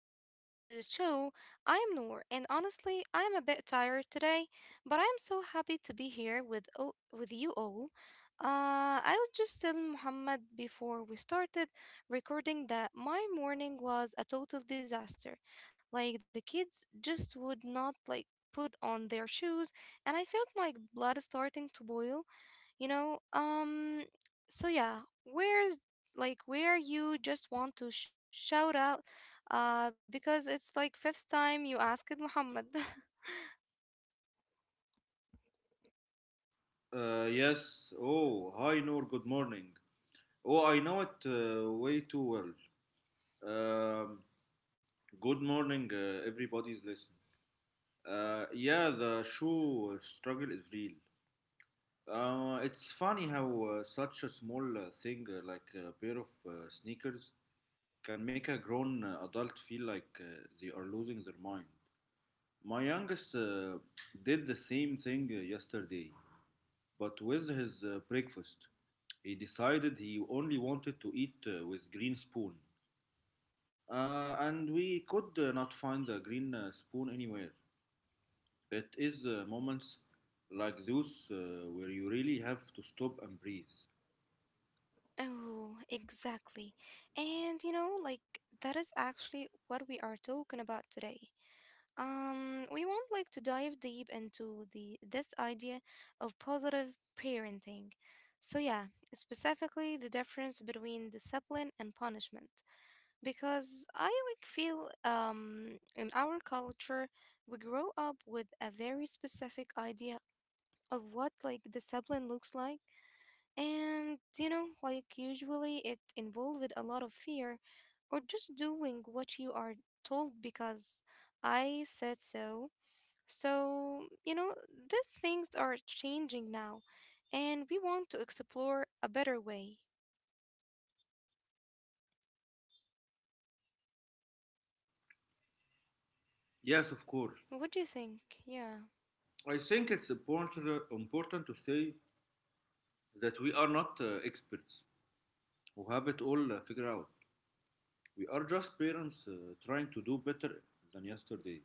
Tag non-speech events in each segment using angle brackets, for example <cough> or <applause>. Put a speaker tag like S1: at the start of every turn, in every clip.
S1: to this to the show. I am Noor and honestly, I am a bit tired today, but I am so happy to be here with you all. I was just telling Muhammad before we started recording that my morning was a total disaster. Like the kids just would not like put on their shoes and I felt my blood starting to boil you know um so yeah, where's, like, where you just want to shout out because it's like fifth time you ask it, Muhammad. <laughs>
S2: Yes. Oh, hi, Noor. Good morning. Oh, I know it way too well. Good morning, everybody's listening. Yeah, the shoe struggle is real. It's funny how such a small thing like a pair of sneakers can make a grown adult feel like they are losing their mind. My youngest did the same thing yesterday, but with his breakfast. He decided he only wanted to eat with green spoon. And we could not find the green spoon anywhere. It is moments like those where you really have to stop and breathe.
S1: Oh exactly. And you know, like, that is actually what we are talking about today. We want, like, to dive deep into the this idea of positive parenting. So yeah, specifically the difference between discipline and punishment, because I, like, feel in our culture we grow up with a very specific idea of what, like, discipline looks like. And you know, like, usually it involved a lot of fear or just doing what you are told because I said so. So, you know, these things are changing now and we want to explore a better way.
S2: Yes, of course.
S1: What do you think? Yeah.
S2: I think it's important, important to say that we are not experts who have it all figured out. We are just parents trying to do better than yesterday.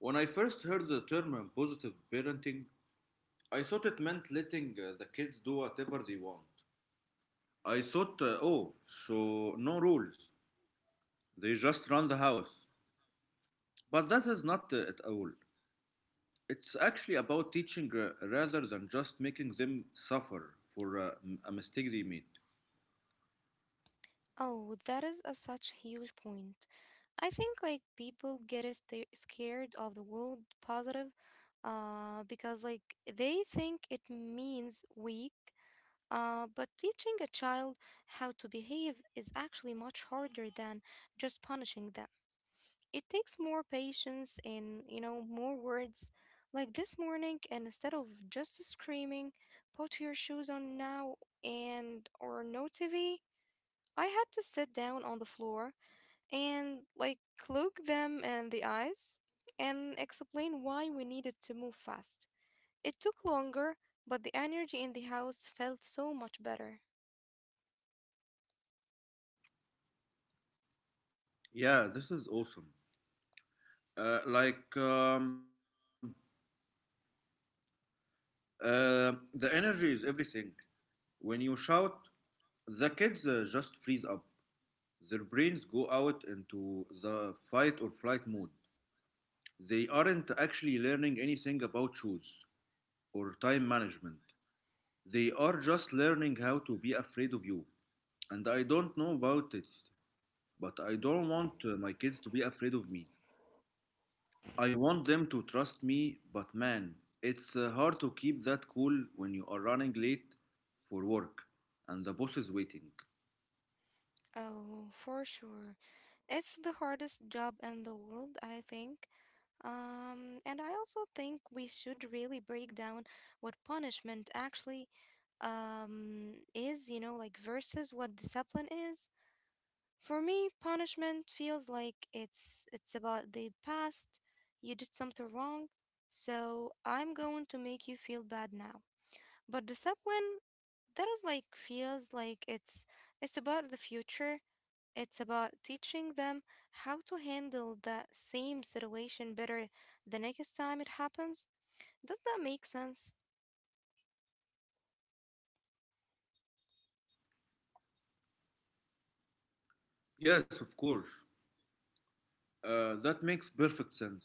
S2: When I first heard the term positive parenting, I thought it meant letting the kids do whatever they want. I thought, oh, so no rules. They just run the house. But that is not at all. It's actually about teaching rather than just making them suffer for a mistake they made.
S1: Oh, that is a such huge point. I think like people get a sta scared of the word positive because like they think it means weak. But teaching a child how to behave is actually much harder than just punishing them. It takes more patience and, you know, more words. Like this morning, and instead of just screaming, put your shoes on now and or no TV, I had to sit down on the floor and like look them in the eyes and explain why we needed to move fast. It took longer, but the energy in the house felt so much better.
S2: Yeah, this is awesome. Uh, like, um, the energy is everything. When you shout, the kids just freeze up. Their brains go out into the fight or flight mode. They aren't actually learning anything about shoes or time management. They are just learning how to be afraid of you. And I don't know about it, but I don't want my kids to be afraid of me. I want them to trust me, but man, it's hard to keep that cool when you are running late for work and the boss is waiting.
S1: Oh, for sure. It's the hardest job in the world, I think. And I also think we should really break down what punishment actually is, you know, like versus what discipline is. For me, punishment feels like it's about the past. You did something wrong, so I'm going to make you feel bad now. But discipline, that is like feels like it's about the future. It's about teaching them how to handle that same situation better the next time it happens. Does that make sense?
S2: Yes, of course. That makes perfect sense.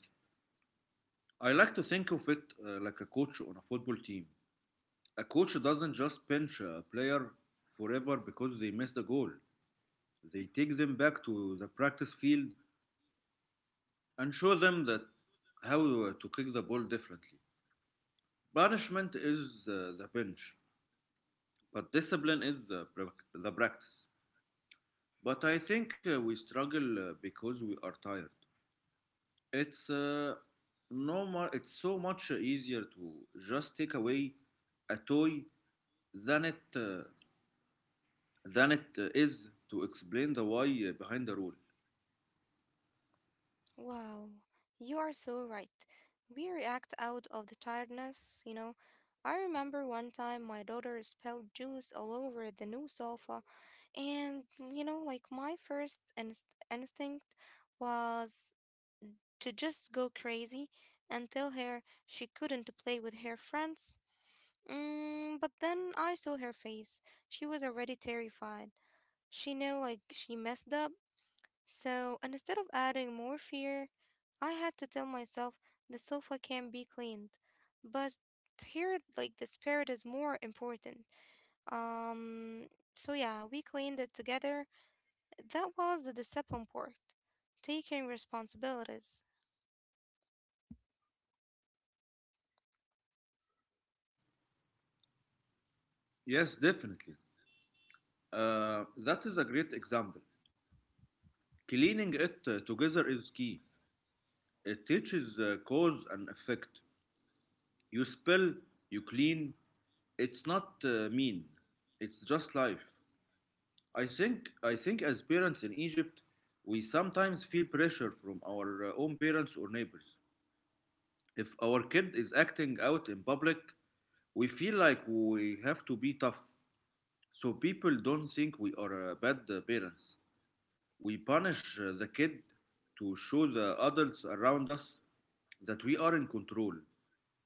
S2: I like to think of it like a coach on a football team. A coach doesn't just bench a player forever because they missed a goal. They take them back to the practice field and show them that how to kick the ball differently. Punishment is the bench, but discipline is the practice. But I think we struggle because we are tired. It's no more. It's so much easier to just take away a toy than it uh, than it is to explain the why behind the rule.
S1: Wow, you are so right. We react out of the tiredness, you know. I remember one time my daughter spilled juice all over the new sofa, and you know, like my first instinct was to just go crazy and tell her she couldn't play with her friends. Mm, but then I saw her face. She was already terrified. She knew, like, she messed up so, and instead of adding more fear, I had to tell myself the sofa can be cleaned. But here, like, the spirit is more important. Um, so yeah, we cleaned it together. That was the discipline part. Taking responsibilities.
S2: Yes, definitely. That is a great example. Cleaning it together is key. It teaches cause and effect. You spill, you clean. It's not mean. It's just life. I think as parents in Egypt, we sometimes feel pressure from our own parents or neighbors. If our kid is acting out in public, we feel like we have to be tough so people don't think we are bad parents. We punish the kid to show the adults around us that we are in control.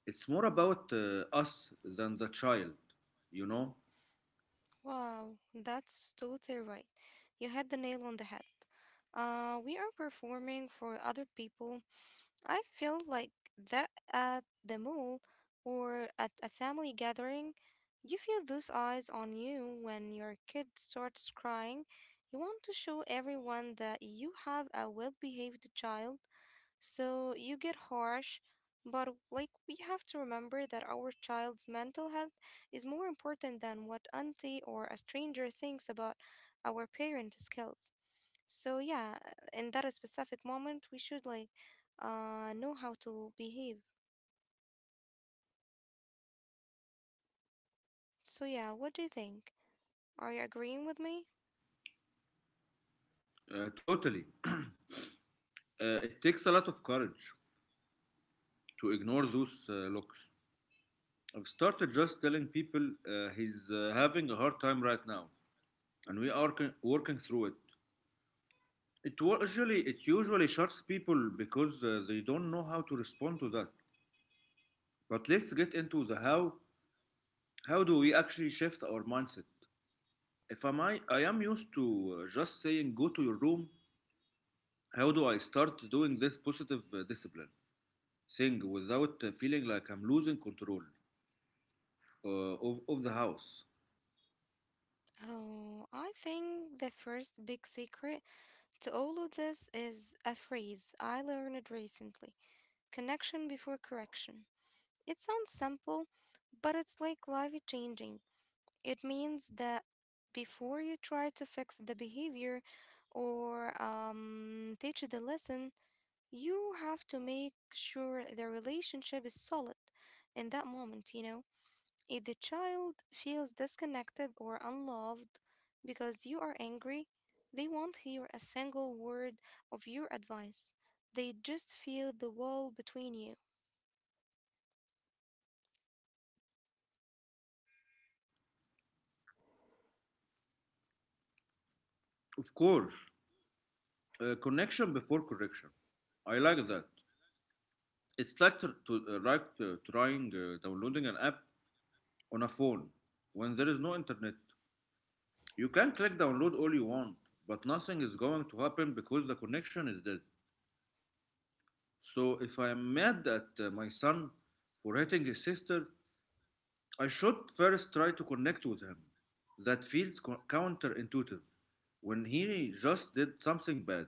S2: It's more about us than the child, you know?
S1: Wow, that's totally right. You had the nail on the head. We are performing for other people, I feel like that at the mall or at a family gathering, you feel those eyes on you when your kid starts crying. You want to show everyone that you have a well behaved child so you get harsh, but like we have to remember that our child's mental health is more important than what auntie or a stranger thinks about our parent skills. So yeah, in that specific moment, we should like know how to behave. So yeah, what do you think? Are you agreeing with me?
S2: Totally. It takes a lot of courage to ignore those looks. I've started just telling people he's having a hard time right now, and we are working through it. It wa- usually it usually shocks people because they don't know how to respond to that. But let's get into the how. How do we actually shift our mindset? If I might, I am used to just saying go to your room, how do I start doing this positive discipline thing without feeling like I'm losing control of the house?
S1: Oh, I think the first big secret to all of this is a phrase I learned recently connection before correction. It sounds simple, but it's like life changing. It means that before you try to fix the behavior or teach the lesson, you have to make sure the relationship is solid in that moment, you know? If the child feels disconnected or unloved because you are angry, they won't hear a single word of your advice. They just feel the wall between you.
S2: Of course, connection before correction. I like that. It's like, trying downloading an app on a phone when there is no internet. You can click download all you want, but nothing is going to happen because the connection is dead. So if I'm mad at my son for hitting his sister, I should first try to connect with him. That feels counterintuitive. When he just did something bad,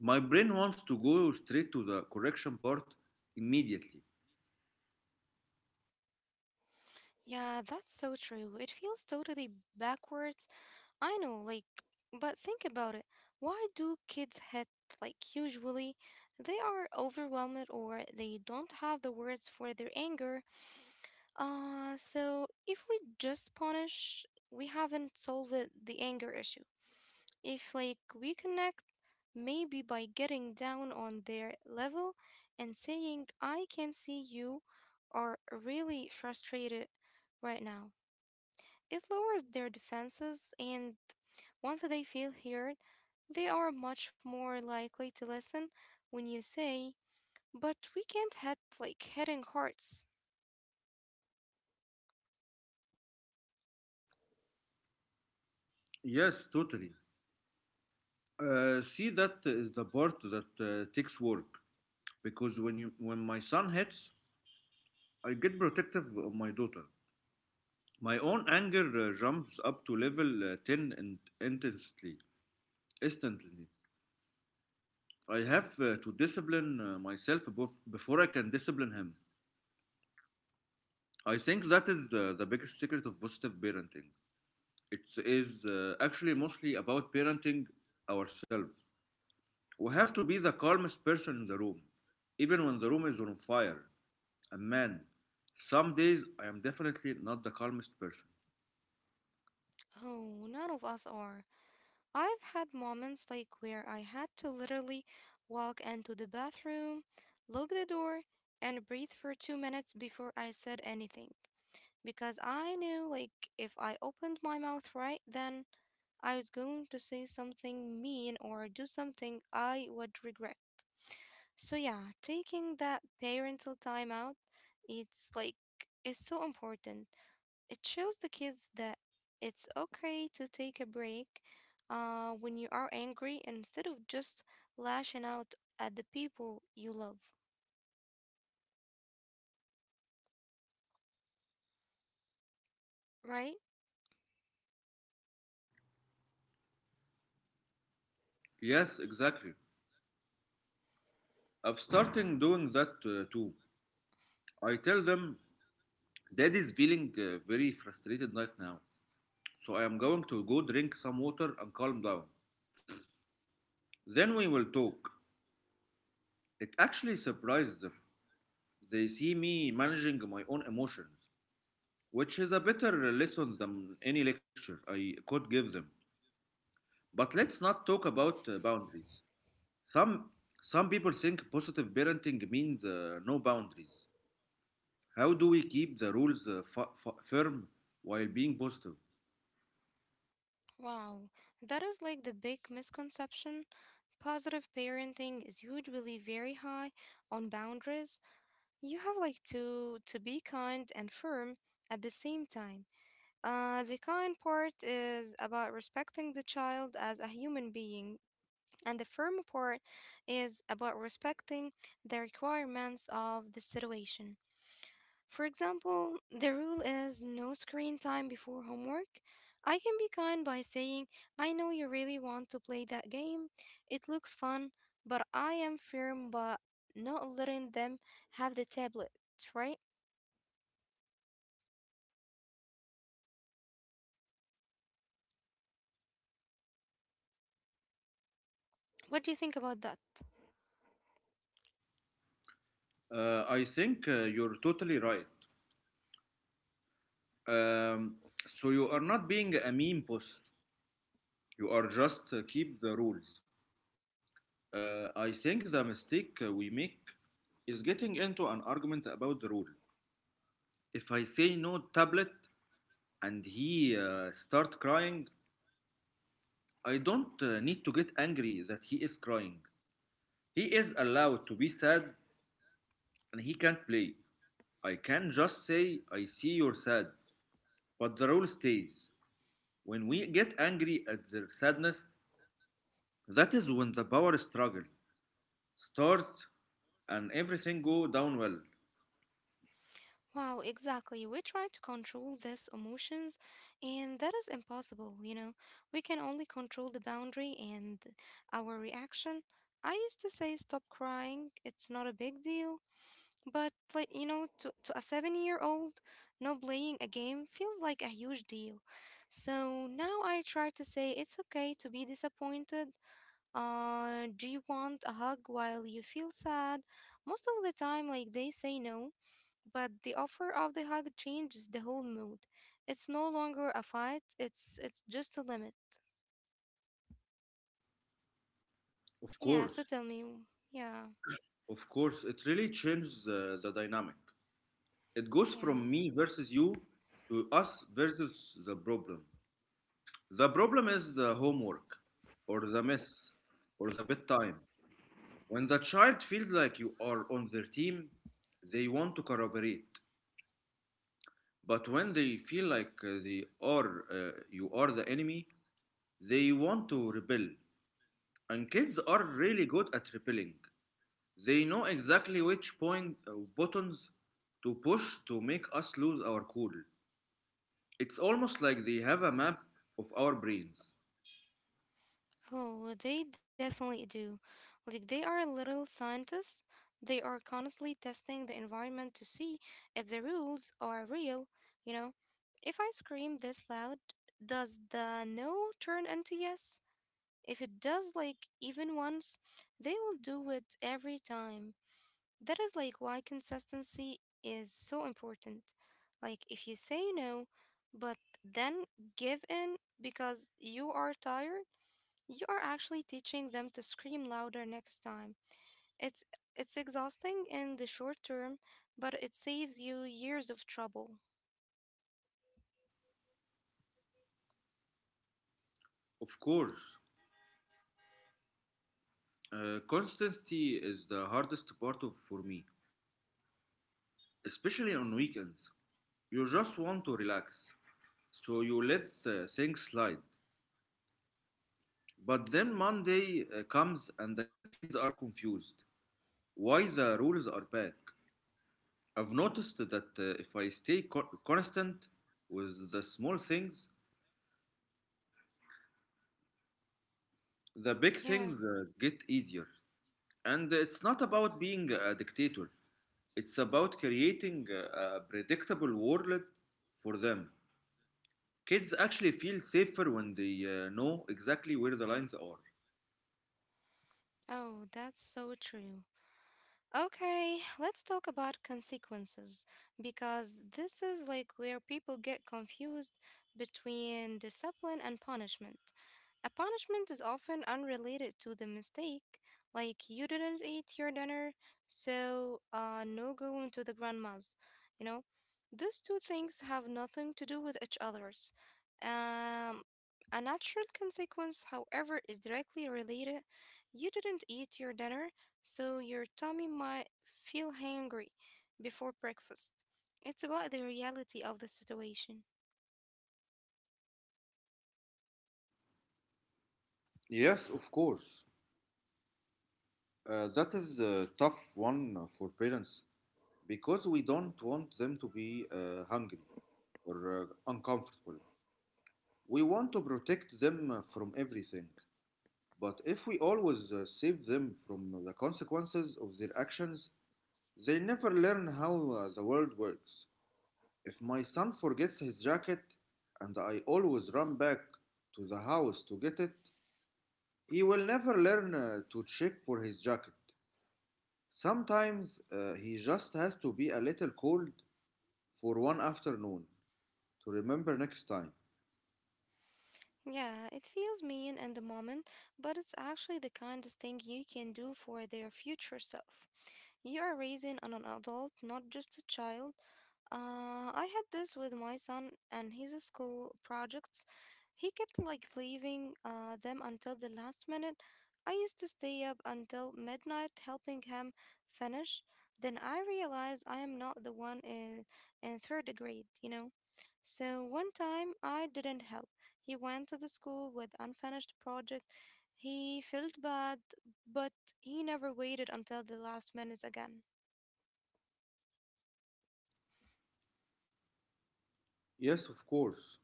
S2: my brain wants to go straight to the correction part immediately.
S1: Yeah, that's so true. It feels totally backwards. I know, like, but think about it. Why do kids hate, like, usually? They are overwhelmed or they don't have the words for their anger. So if we just punish, we haven't solved the anger issue. If, like, we connect, maybe by getting down on their level and saying, I can see you are really frustrated right now. It lowers their defenses, and once they feel heard, they are much more likely to listen when you say, But we can't hit like hitting hearts.
S2: Yes, totally. See, that is the part that takes work because when my son hits, I get protective of my daughter. My own anger jumps up to level ten and intensely, instantly. I have to discipline myself before I can discipline him. I think that is the biggest secret of positive parenting. It is actually mostly about parenting ourselves. We have to be the calmest person in the room, even when the room is on fire. And man, some days I am definitely not the calmest person.
S1: Oh, none of us are. I've had moments like where I had to literally walk into the bathroom, lock the door, and breathe for 2 minutes before I said anything. Because I knew, like, if I opened my mouth right then, I was going to say something mean or do something I would regret. So yeah, taking that parental time out, it's like it's so important. It shows the kids that it's okay to take a break when you are angry instead of just lashing out at the people you love, right?
S2: Yes, exactly. I've started doing that too. I tell them, Dad is feeling very frustrated right now, so I am going to go drink some water and calm down. Then we will talk. It actually surprises them. They see me managing my own emotions, which is a better lesson than any lecture I could give them. But let's not talk about boundaries. Some some people think positive parenting means no boundaries. How do we keep the rules firm while being positive?
S1: Wow, that is like the big misconception. Positive parenting is usually very high on boundaries. You have like to be kind and firm at the same time. The kind part is about respecting the child as a human being, and the firm part is about respecting the requirements of the situation. For example, the rule is no screen time before homework. I can be kind by saying, I know you really want to play that game. It looks fun, but I am firm but not letting them have the tablet, right? What do you think about that?
S2: I think you're totally right. Um, so you are not being a meme post. You are just keep the rules. I think the mistake we make is getting into an argument about the rule. If I say no tablet and he start crying, I don't need to get angry that he is crying. He is allowed to be sad and he can't play. I can just say I see you're sad, but the rule stays. When we get angry at their sadness, that is when the power struggle starts and everything go down well.
S1: Wow, exactly. We try to control these emotions, and that is impossible, you know. We can only control the boundary and our reaction. I used to say, stop crying, it's not a big deal. But, like, you know, to a 7 year old, no playing a game feels like a huge deal. So now I try to say, it's okay to be disappointed. Do you want a hug while you feel sad? Most of the time, like, they say no. But the offer of the hug changes the whole mood. It's no longer a fight, it's just a limit.
S2: Of
S1: Yeah, so
S2: course,
S1: tell me. Yeah,
S2: of course, it really changes the dynamic. It goes
S1: yeah.
S2: from me versus you to us versus the problem. The problem is the homework or the mess or the bedtime. When the child feels like you are on their team, they want to collaborate. But when they feel like they are you are the enemy, they want to rebel. And kids are really good at rebelling. They know exactly which point buttons to push to make us lose our cool. It's almost like they have a map of our brains.
S1: Oh, they definitely do. Like they are little scientists. They are constantly testing the environment to see if the rules are real, you know. If I scream this loud, does the no turn into yes? If it does like even once, they will do it every time. That is like why consistency is so important. Like if you say no, but then give in because you are tired, you are actually teaching them to scream louder next time. It's it's exhausting in the short term, but it saves you years of trouble.
S2: Of course, constancy is the hardest part of for me, especially on weekends. You just want to relax, so you let things slide. But then Monday comes and the kids are confused. Why the rules are back? I've noticed that if I stay constant with the small things, the big
S1: Yeah.
S2: things get easier. And it's not about being a dictator. It's about creating a predictable world for them. Kids actually feel safer when they know exactly where the lines are.
S1: Oh, that's so true. Okay, let's talk about consequences because this is like where people get confused between discipline and punishment. A punishment is often unrelated to the mistake, like you didn't eat your dinner, so no going to the grandma's. You know, these two things have nothing to do with each other's. Um, a natural consequence, however, is directly related. You didn't eat your dinner so your tummy might feel hangry before breakfast. It's about the reality of the situation.
S2: Yes, of course. That is a tough one for parents because we don't want them to be hungry or uncomfortable. We want to protect them from everything. But if we always save them from the consequences of their actions, they never learn how the world works. If my son forgets his jacket and I always run back to the house to get it, he will never learn to check for his jacket. Sometimes he just has to be a little cold for one afternoon to remember next time.
S1: Yeah, it feels mean in the moment, but it's actually the kindest thing you can do for their future self. You are raising an adult, not just a child. I had this with my son and his school projects. He kept like leaving them until the last minute. I used to stay up until midnight helping him finish. Then I realized I am not the one in third grade, you know. So one time I didn't help. He went to the school with unfinished project. He felt bad, but he never waited until the last minutes again.
S2: Yes, of course.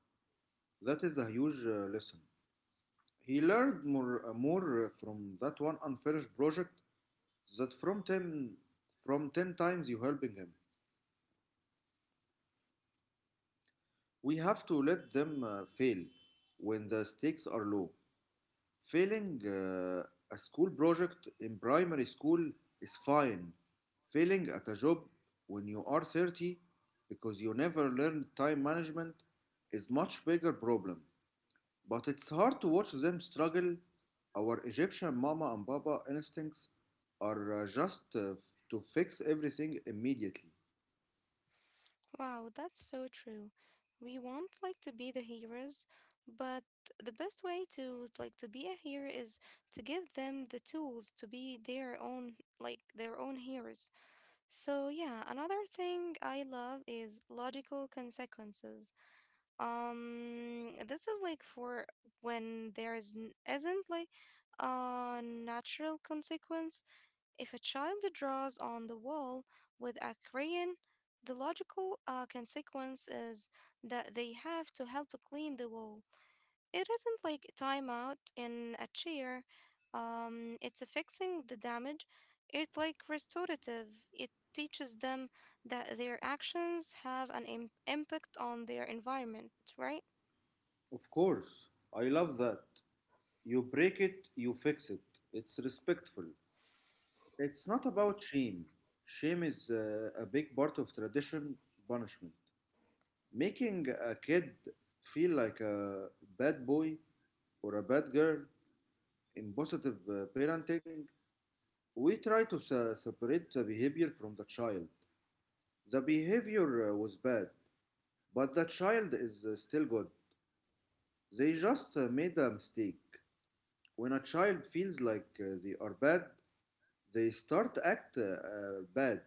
S2: That is a huge lesson. He learned more from that one unfinished project than from 10 times you helping him. We have to let them fail when the stakes are low. Failing a school project in primary school is fine. Failing at a job when you are 30 because you never learned time management is much bigger problem. But it's hard to watch them struggle. Our Egyptian mama and baba instincts are just to fix everything immediately.
S1: Wow, that's so true. We want like to be the heroes, but the best way to like to be a hero is to give them the tools to be their own like their own heroes. So yeah, another thing I love is logical consequences. This is like for when there is isn't like a natural consequence if a child draws on the wall with a crayon, the logical consequence is that they have to help clean the wall. It isn't like timeout in a chair. It's a fixing the damage. It's like restorative. It teaches them that their actions have an impact on their environment, right?
S2: Of course, I love that. You break it, you fix it. It's respectful. It's not about shame. Shame is a big part of tradition punishment. Making a kid feel like a bad boy or a bad girl in positive parenting, we try to separate the behavior from the child. The behavior was bad, but the child is still good. They just made a mistake. When a child feels like they are bad, they start act bad.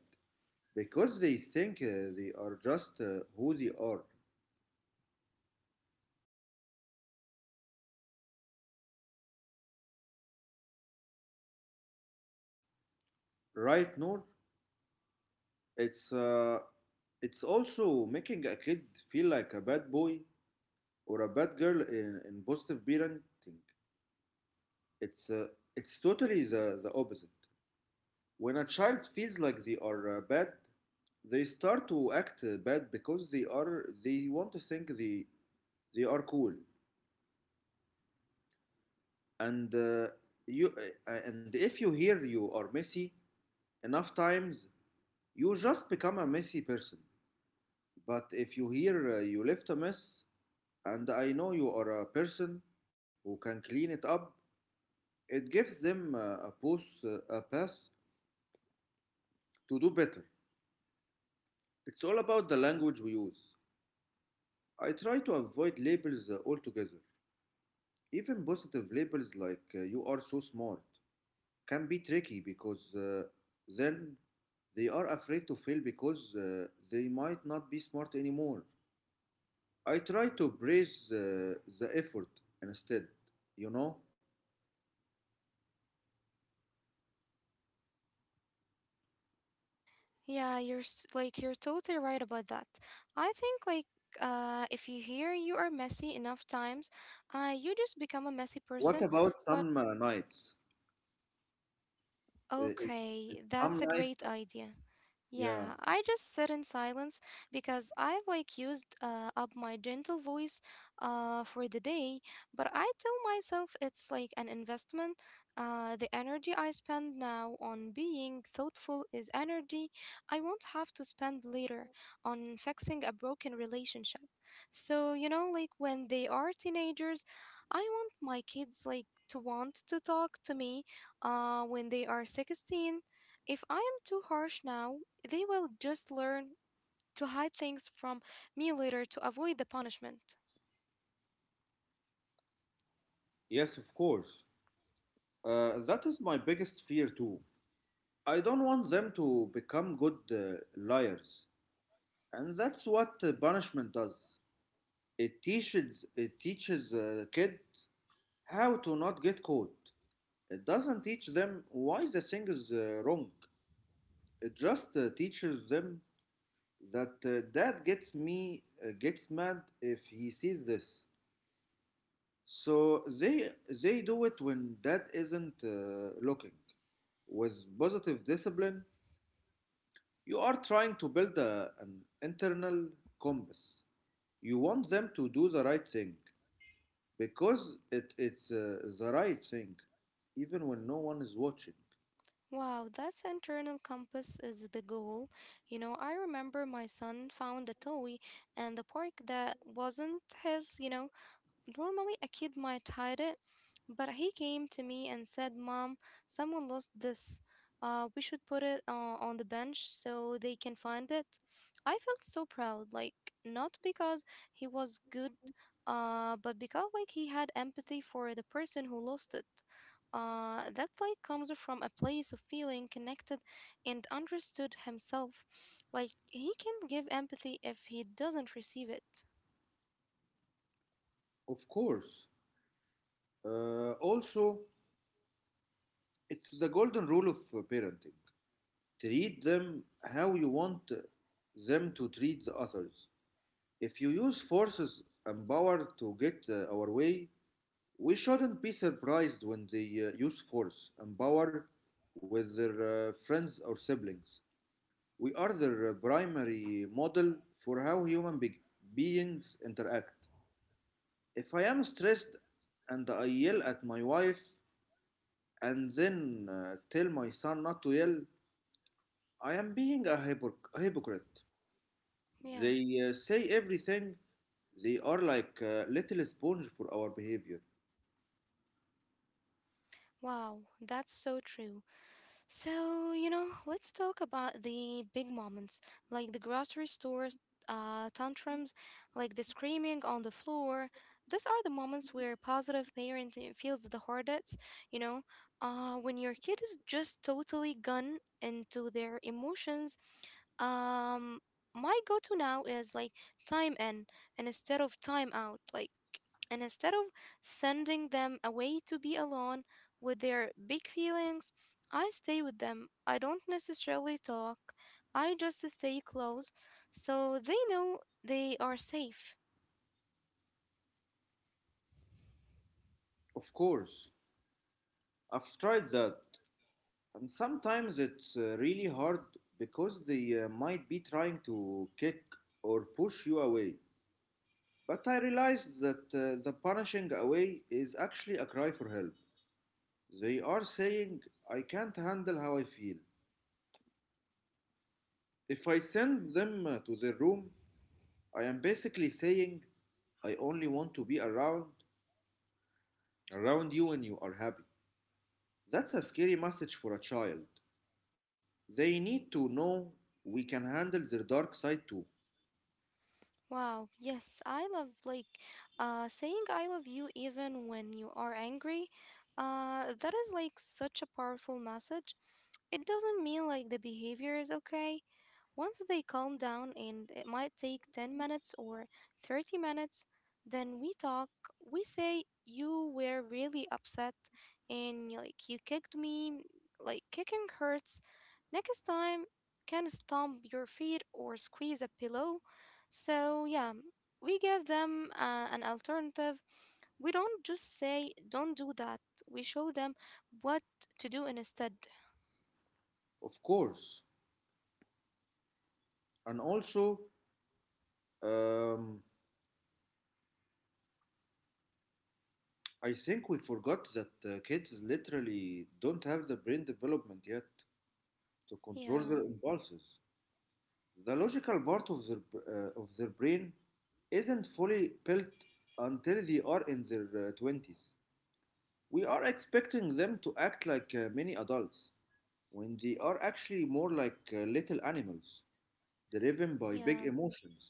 S2: Because they think they are just who they are, right Noor? it's uh, it's also making a kid feel like a bad boy or a bad girl in, positive parenting. it's uh, it's totally the, opposite. When a child feels like they are bad, they start to act bad because they want to think they are cool. And uh, you uh, and if you hear you are messy enough times, you just become a messy person. But if you hear you left a mess, and I know you are a person who can clean it up, it gives them a path to do better. It's all about the language we use. I try to avoid labels altogether. Even positive labels like you are so smart can be tricky because then they are afraid to fail because they might not be smart anymore. I try to praise the effort instead, you know.
S1: Yeah, like you're totally right about that. I think like if you hear you are messy enough times, you just become a messy
S2: What
S1: person.
S2: about
S1: But
S2: some nights? Uh, is, is
S1: Okay,
S2: some
S1: that's a
S2: nights,
S1: great idea.
S2: yeah,
S1: Yeah, I just sit in silence because I've like used up my gentle voice for the day, but I tell myself it's like an investment. The energy I spend now on being thoughtful is energy I won't have to spend later on fixing a broken relationship. So, you know, like when they are teenagers, I want my kids like to want to talk to me when they are 16. If I am too harsh now, they will just learn to hide things from me later to avoid the punishment.
S2: yes, of course. That is my biggest fear too. I don't want them to become good liars, and that's what punishment does. It teaches kids how to not get caught. It doesn't teach them why the thing is wrong. It just teaches them that dad gets mad if he sees this. So they do it when dad isn't looking. With positive discipline, you are trying to build an internal compass. You want them to do the right thing because it's the right thing, even when no one is watching.
S1: Wow, that internal compass is the goal. You know, I remember my son found a toy and the park that wasn't his, you know, normally, a kid might hide it, but he came to me and said, Mom, someone lost this. We should put it on the bench so they can find it. I felt so proud, like, not because he was good, but because, like, he had empathy for the person who lost it. That like comes from a place of feeling connected and understood himself. Like he can give empathy if he doesn't receive it.
S2: Of course. Also, it's the golden rule of parenting. Treat them how you want them to treat the others. If you use forces and power to get our way, we shouldn't be surprised when they use force and power with their friends or siblings. We are their primary model for how beings interact. If I am stressed and I yell at my wife and then tell my son not to yell, I am being a hypocrite.
S1: Yeah.
S2: They say everything. They are like a little sponge for our behavior.
S1: Wow, that's so true. So, you know, let's talk about the big moments, like the grocery store tantrums, like the screaming on the floor. Those are the moments where positive parenting feels the hardest, you know, when your kid is just totally gone into their emotions. Um, my go to now is like time in and instead of time out, like, and instead of sending them away to be alone with their big feelings. I stay with them. I don't necessarily talk. I just stay close so they know they are safe.
S2: Of course, I've tried that, and sometimes it's really hard because they might be trying to kick or push you away. But I realized that the punishing away is actually a cry for help. They are saying, I can't handle how I feel. If I send them to their room, I am basically saying, I only want to be around you when you are happy. That's a scary message for a child. They need to know we can handle their dark side too,
S1: Wow, yes, I love like saying I love you even when you are angry. That is like such a powerful message. It doesn't mean like the behavior is okay. Once they calm down, and it might take 10 minutes or 30 minutes, then we talk. We say, you were really upset, and like you kicked me. Like kicking hurts. Next time, can stomp your feet or squeeze a pillow. So, yeah, we give them an alternative. We don't just say, don't do that. We show them what to do instead.
S2: of course. And also, um, I think we forgot that kids literally don't have the brain development yet to control their
S1: Yeah,
S2: impulses. The logical part of their brain isn't fully built until they are in their 20s. We are expecting them to act like many adults when they are actually more like little animals, driven by
S1: yeah.
S2: big emotions.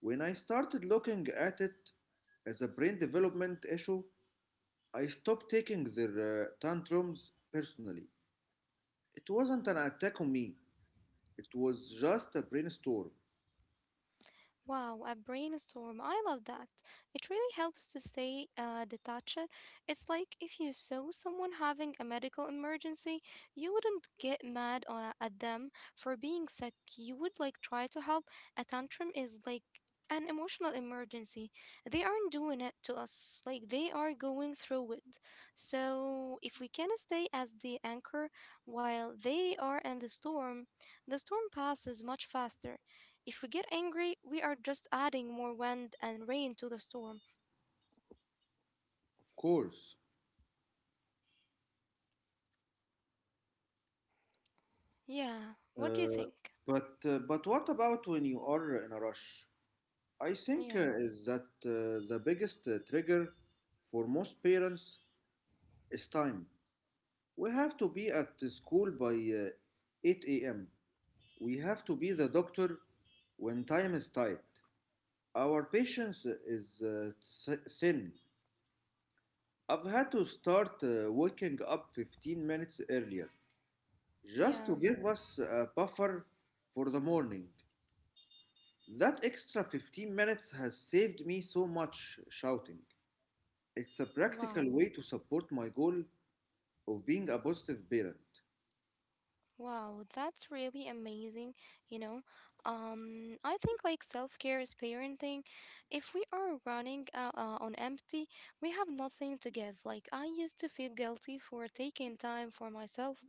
S2: When I started looking at it as a brain development issue, I stopped taking their tantrums personally. It wasn't an attack on me, it was just a brainstorm,
S1: Wow, a brainstorm. I love that. It really helps to stay detached. It's like if you saw someone having a medical emergency, you wouldn't get mad at them for being sick. You would like try to help. A tantrum is like an emotional emergency. They aren't doing it to us, like they are going through it. So if we can stay as the anchor while they are in the storm passes much faster. If we get angry, we are just adding more wind and rain to the storm.
S2: of course.
S1: Yeah, what do you
S2: Uh,
S1: think?
S2: but but what about when you are in a rush? I think
S1: Yeah,
S2: is that the biggest trigger for most parents is time. We have to be at the school by 8 a.m. We have to be the doctor when time is tight. Our patience is thin. I've had to start waking up 15 minutes earlier just to
S1: yeah,
S2: give us a buffer for the morning. That extra 15 minutes has saved me so much shouting. It's a
S1: wow.
S2: practical way to support my goal of being a positive parent.
S1: Wow, that's really amazing, you know. I think like self-care is parenting. If we are running on empty, we have nothing to give. Like I used to feel guilty for taking time for myself,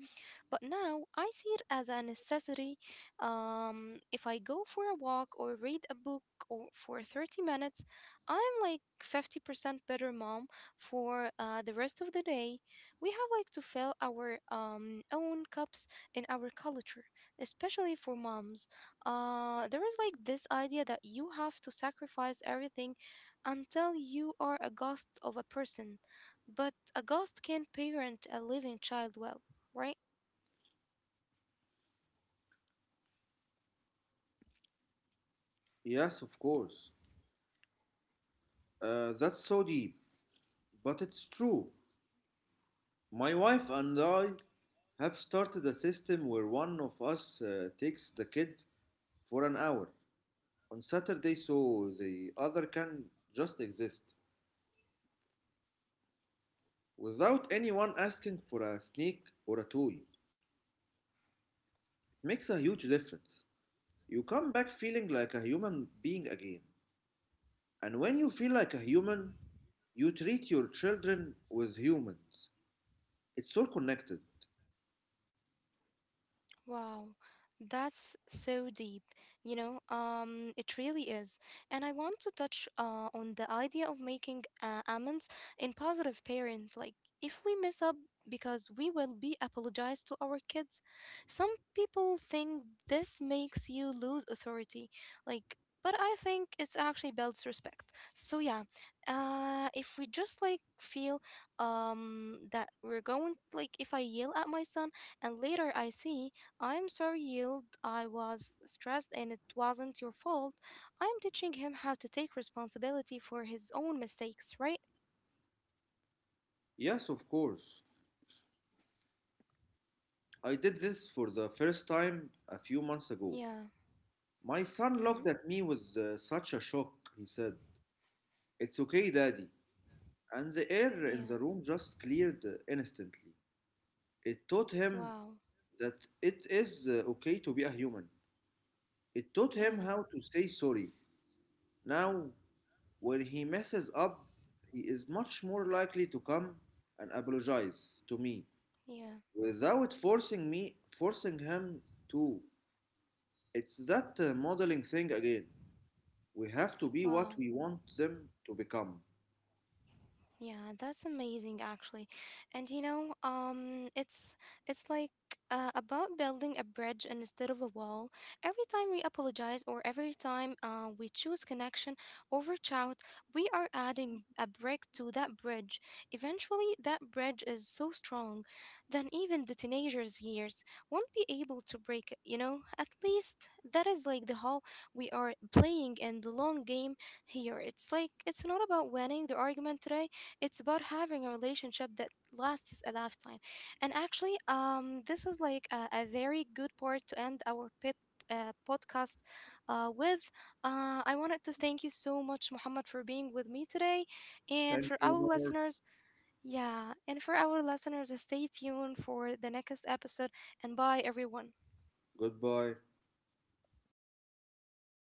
S1: but now I see it as a necessity. If I go for a walk or read a book or for 30 minutes, I'm like 50% better mom for the rest of the day. We have like to fill our own cups in our culture, especially for moms. There is like this idea that you have to sacrifice everything until you are a ghost of a person, but a ghost can't parent a living child well, right?
S2: Yes, of course. That's so deep, but it's true. My wife and I have started a system where one of us takes the kids for an hour on Saturday so the other can just exist without anyone asking for a sneak or a toy. It makes a huge difference. You come back feeling like a human being again. And when you feel like a human, you treat your children with humans. It's all connected.
S1: Wow, that's so deep. You know, it really is. And I want to touch on the idea of making amends in positive parent. Like, if we mess up because we will be apologized to our kids. Some people think this makes you lose authority. Like, but I think it's actually builds respect. So yeah, if we just like feel that we're going like if I yell at my son and later I see I'm sorry, Yield. I was stressed and it wasn't your fault. I'm teaching him how to take responsibility for his own mistakes, right?
S2: Yes, of course. I did this for the first time a few months ago.
S1: Yeah.
S2: My
S1: Mm
S2: son
S1: hmm.
S2: looked at me with such a shock. He said, It's okay, daddy. And the air in
S1: Yeah.
S2: the room just cleared instantly. It taught him
S1: Wow.
S2: that it is okay to be a human. It taught
S1: Yeah.
S2: him how to say sorry. Now, when he messes up, he is much more likely to come and apologize to me
S1: Yeah.
S2: without forcing him to. It's that modeling thing again. We have to be what
S1: Wow.
S2: we want them to become.
S1: Yeah, that's amazing actually. And you know, it's like about building a bridge instead of a wall. Every time we apologize or every time we choose connection over chat, we are adding a brick to that bridge. Eventually, that bridge is so strong that even the teenagers' years won't be able to break it, you know? At least that is like the how we are playing in the long game here. It's like it's not about winning the argument today, it's about having a relationship that lasts a lifetime. And actually, this is like a very good part to end our podcast with. I wanted to thank you so much, Muhammad, for being with me today. And
S2: Thank
S1: for
S2: you,
S1: our
S2: Noor.
S1: listeners, yeah, and for our listeners, stay tuned for the next episode. And bye, everyone.
S2: Goodbye.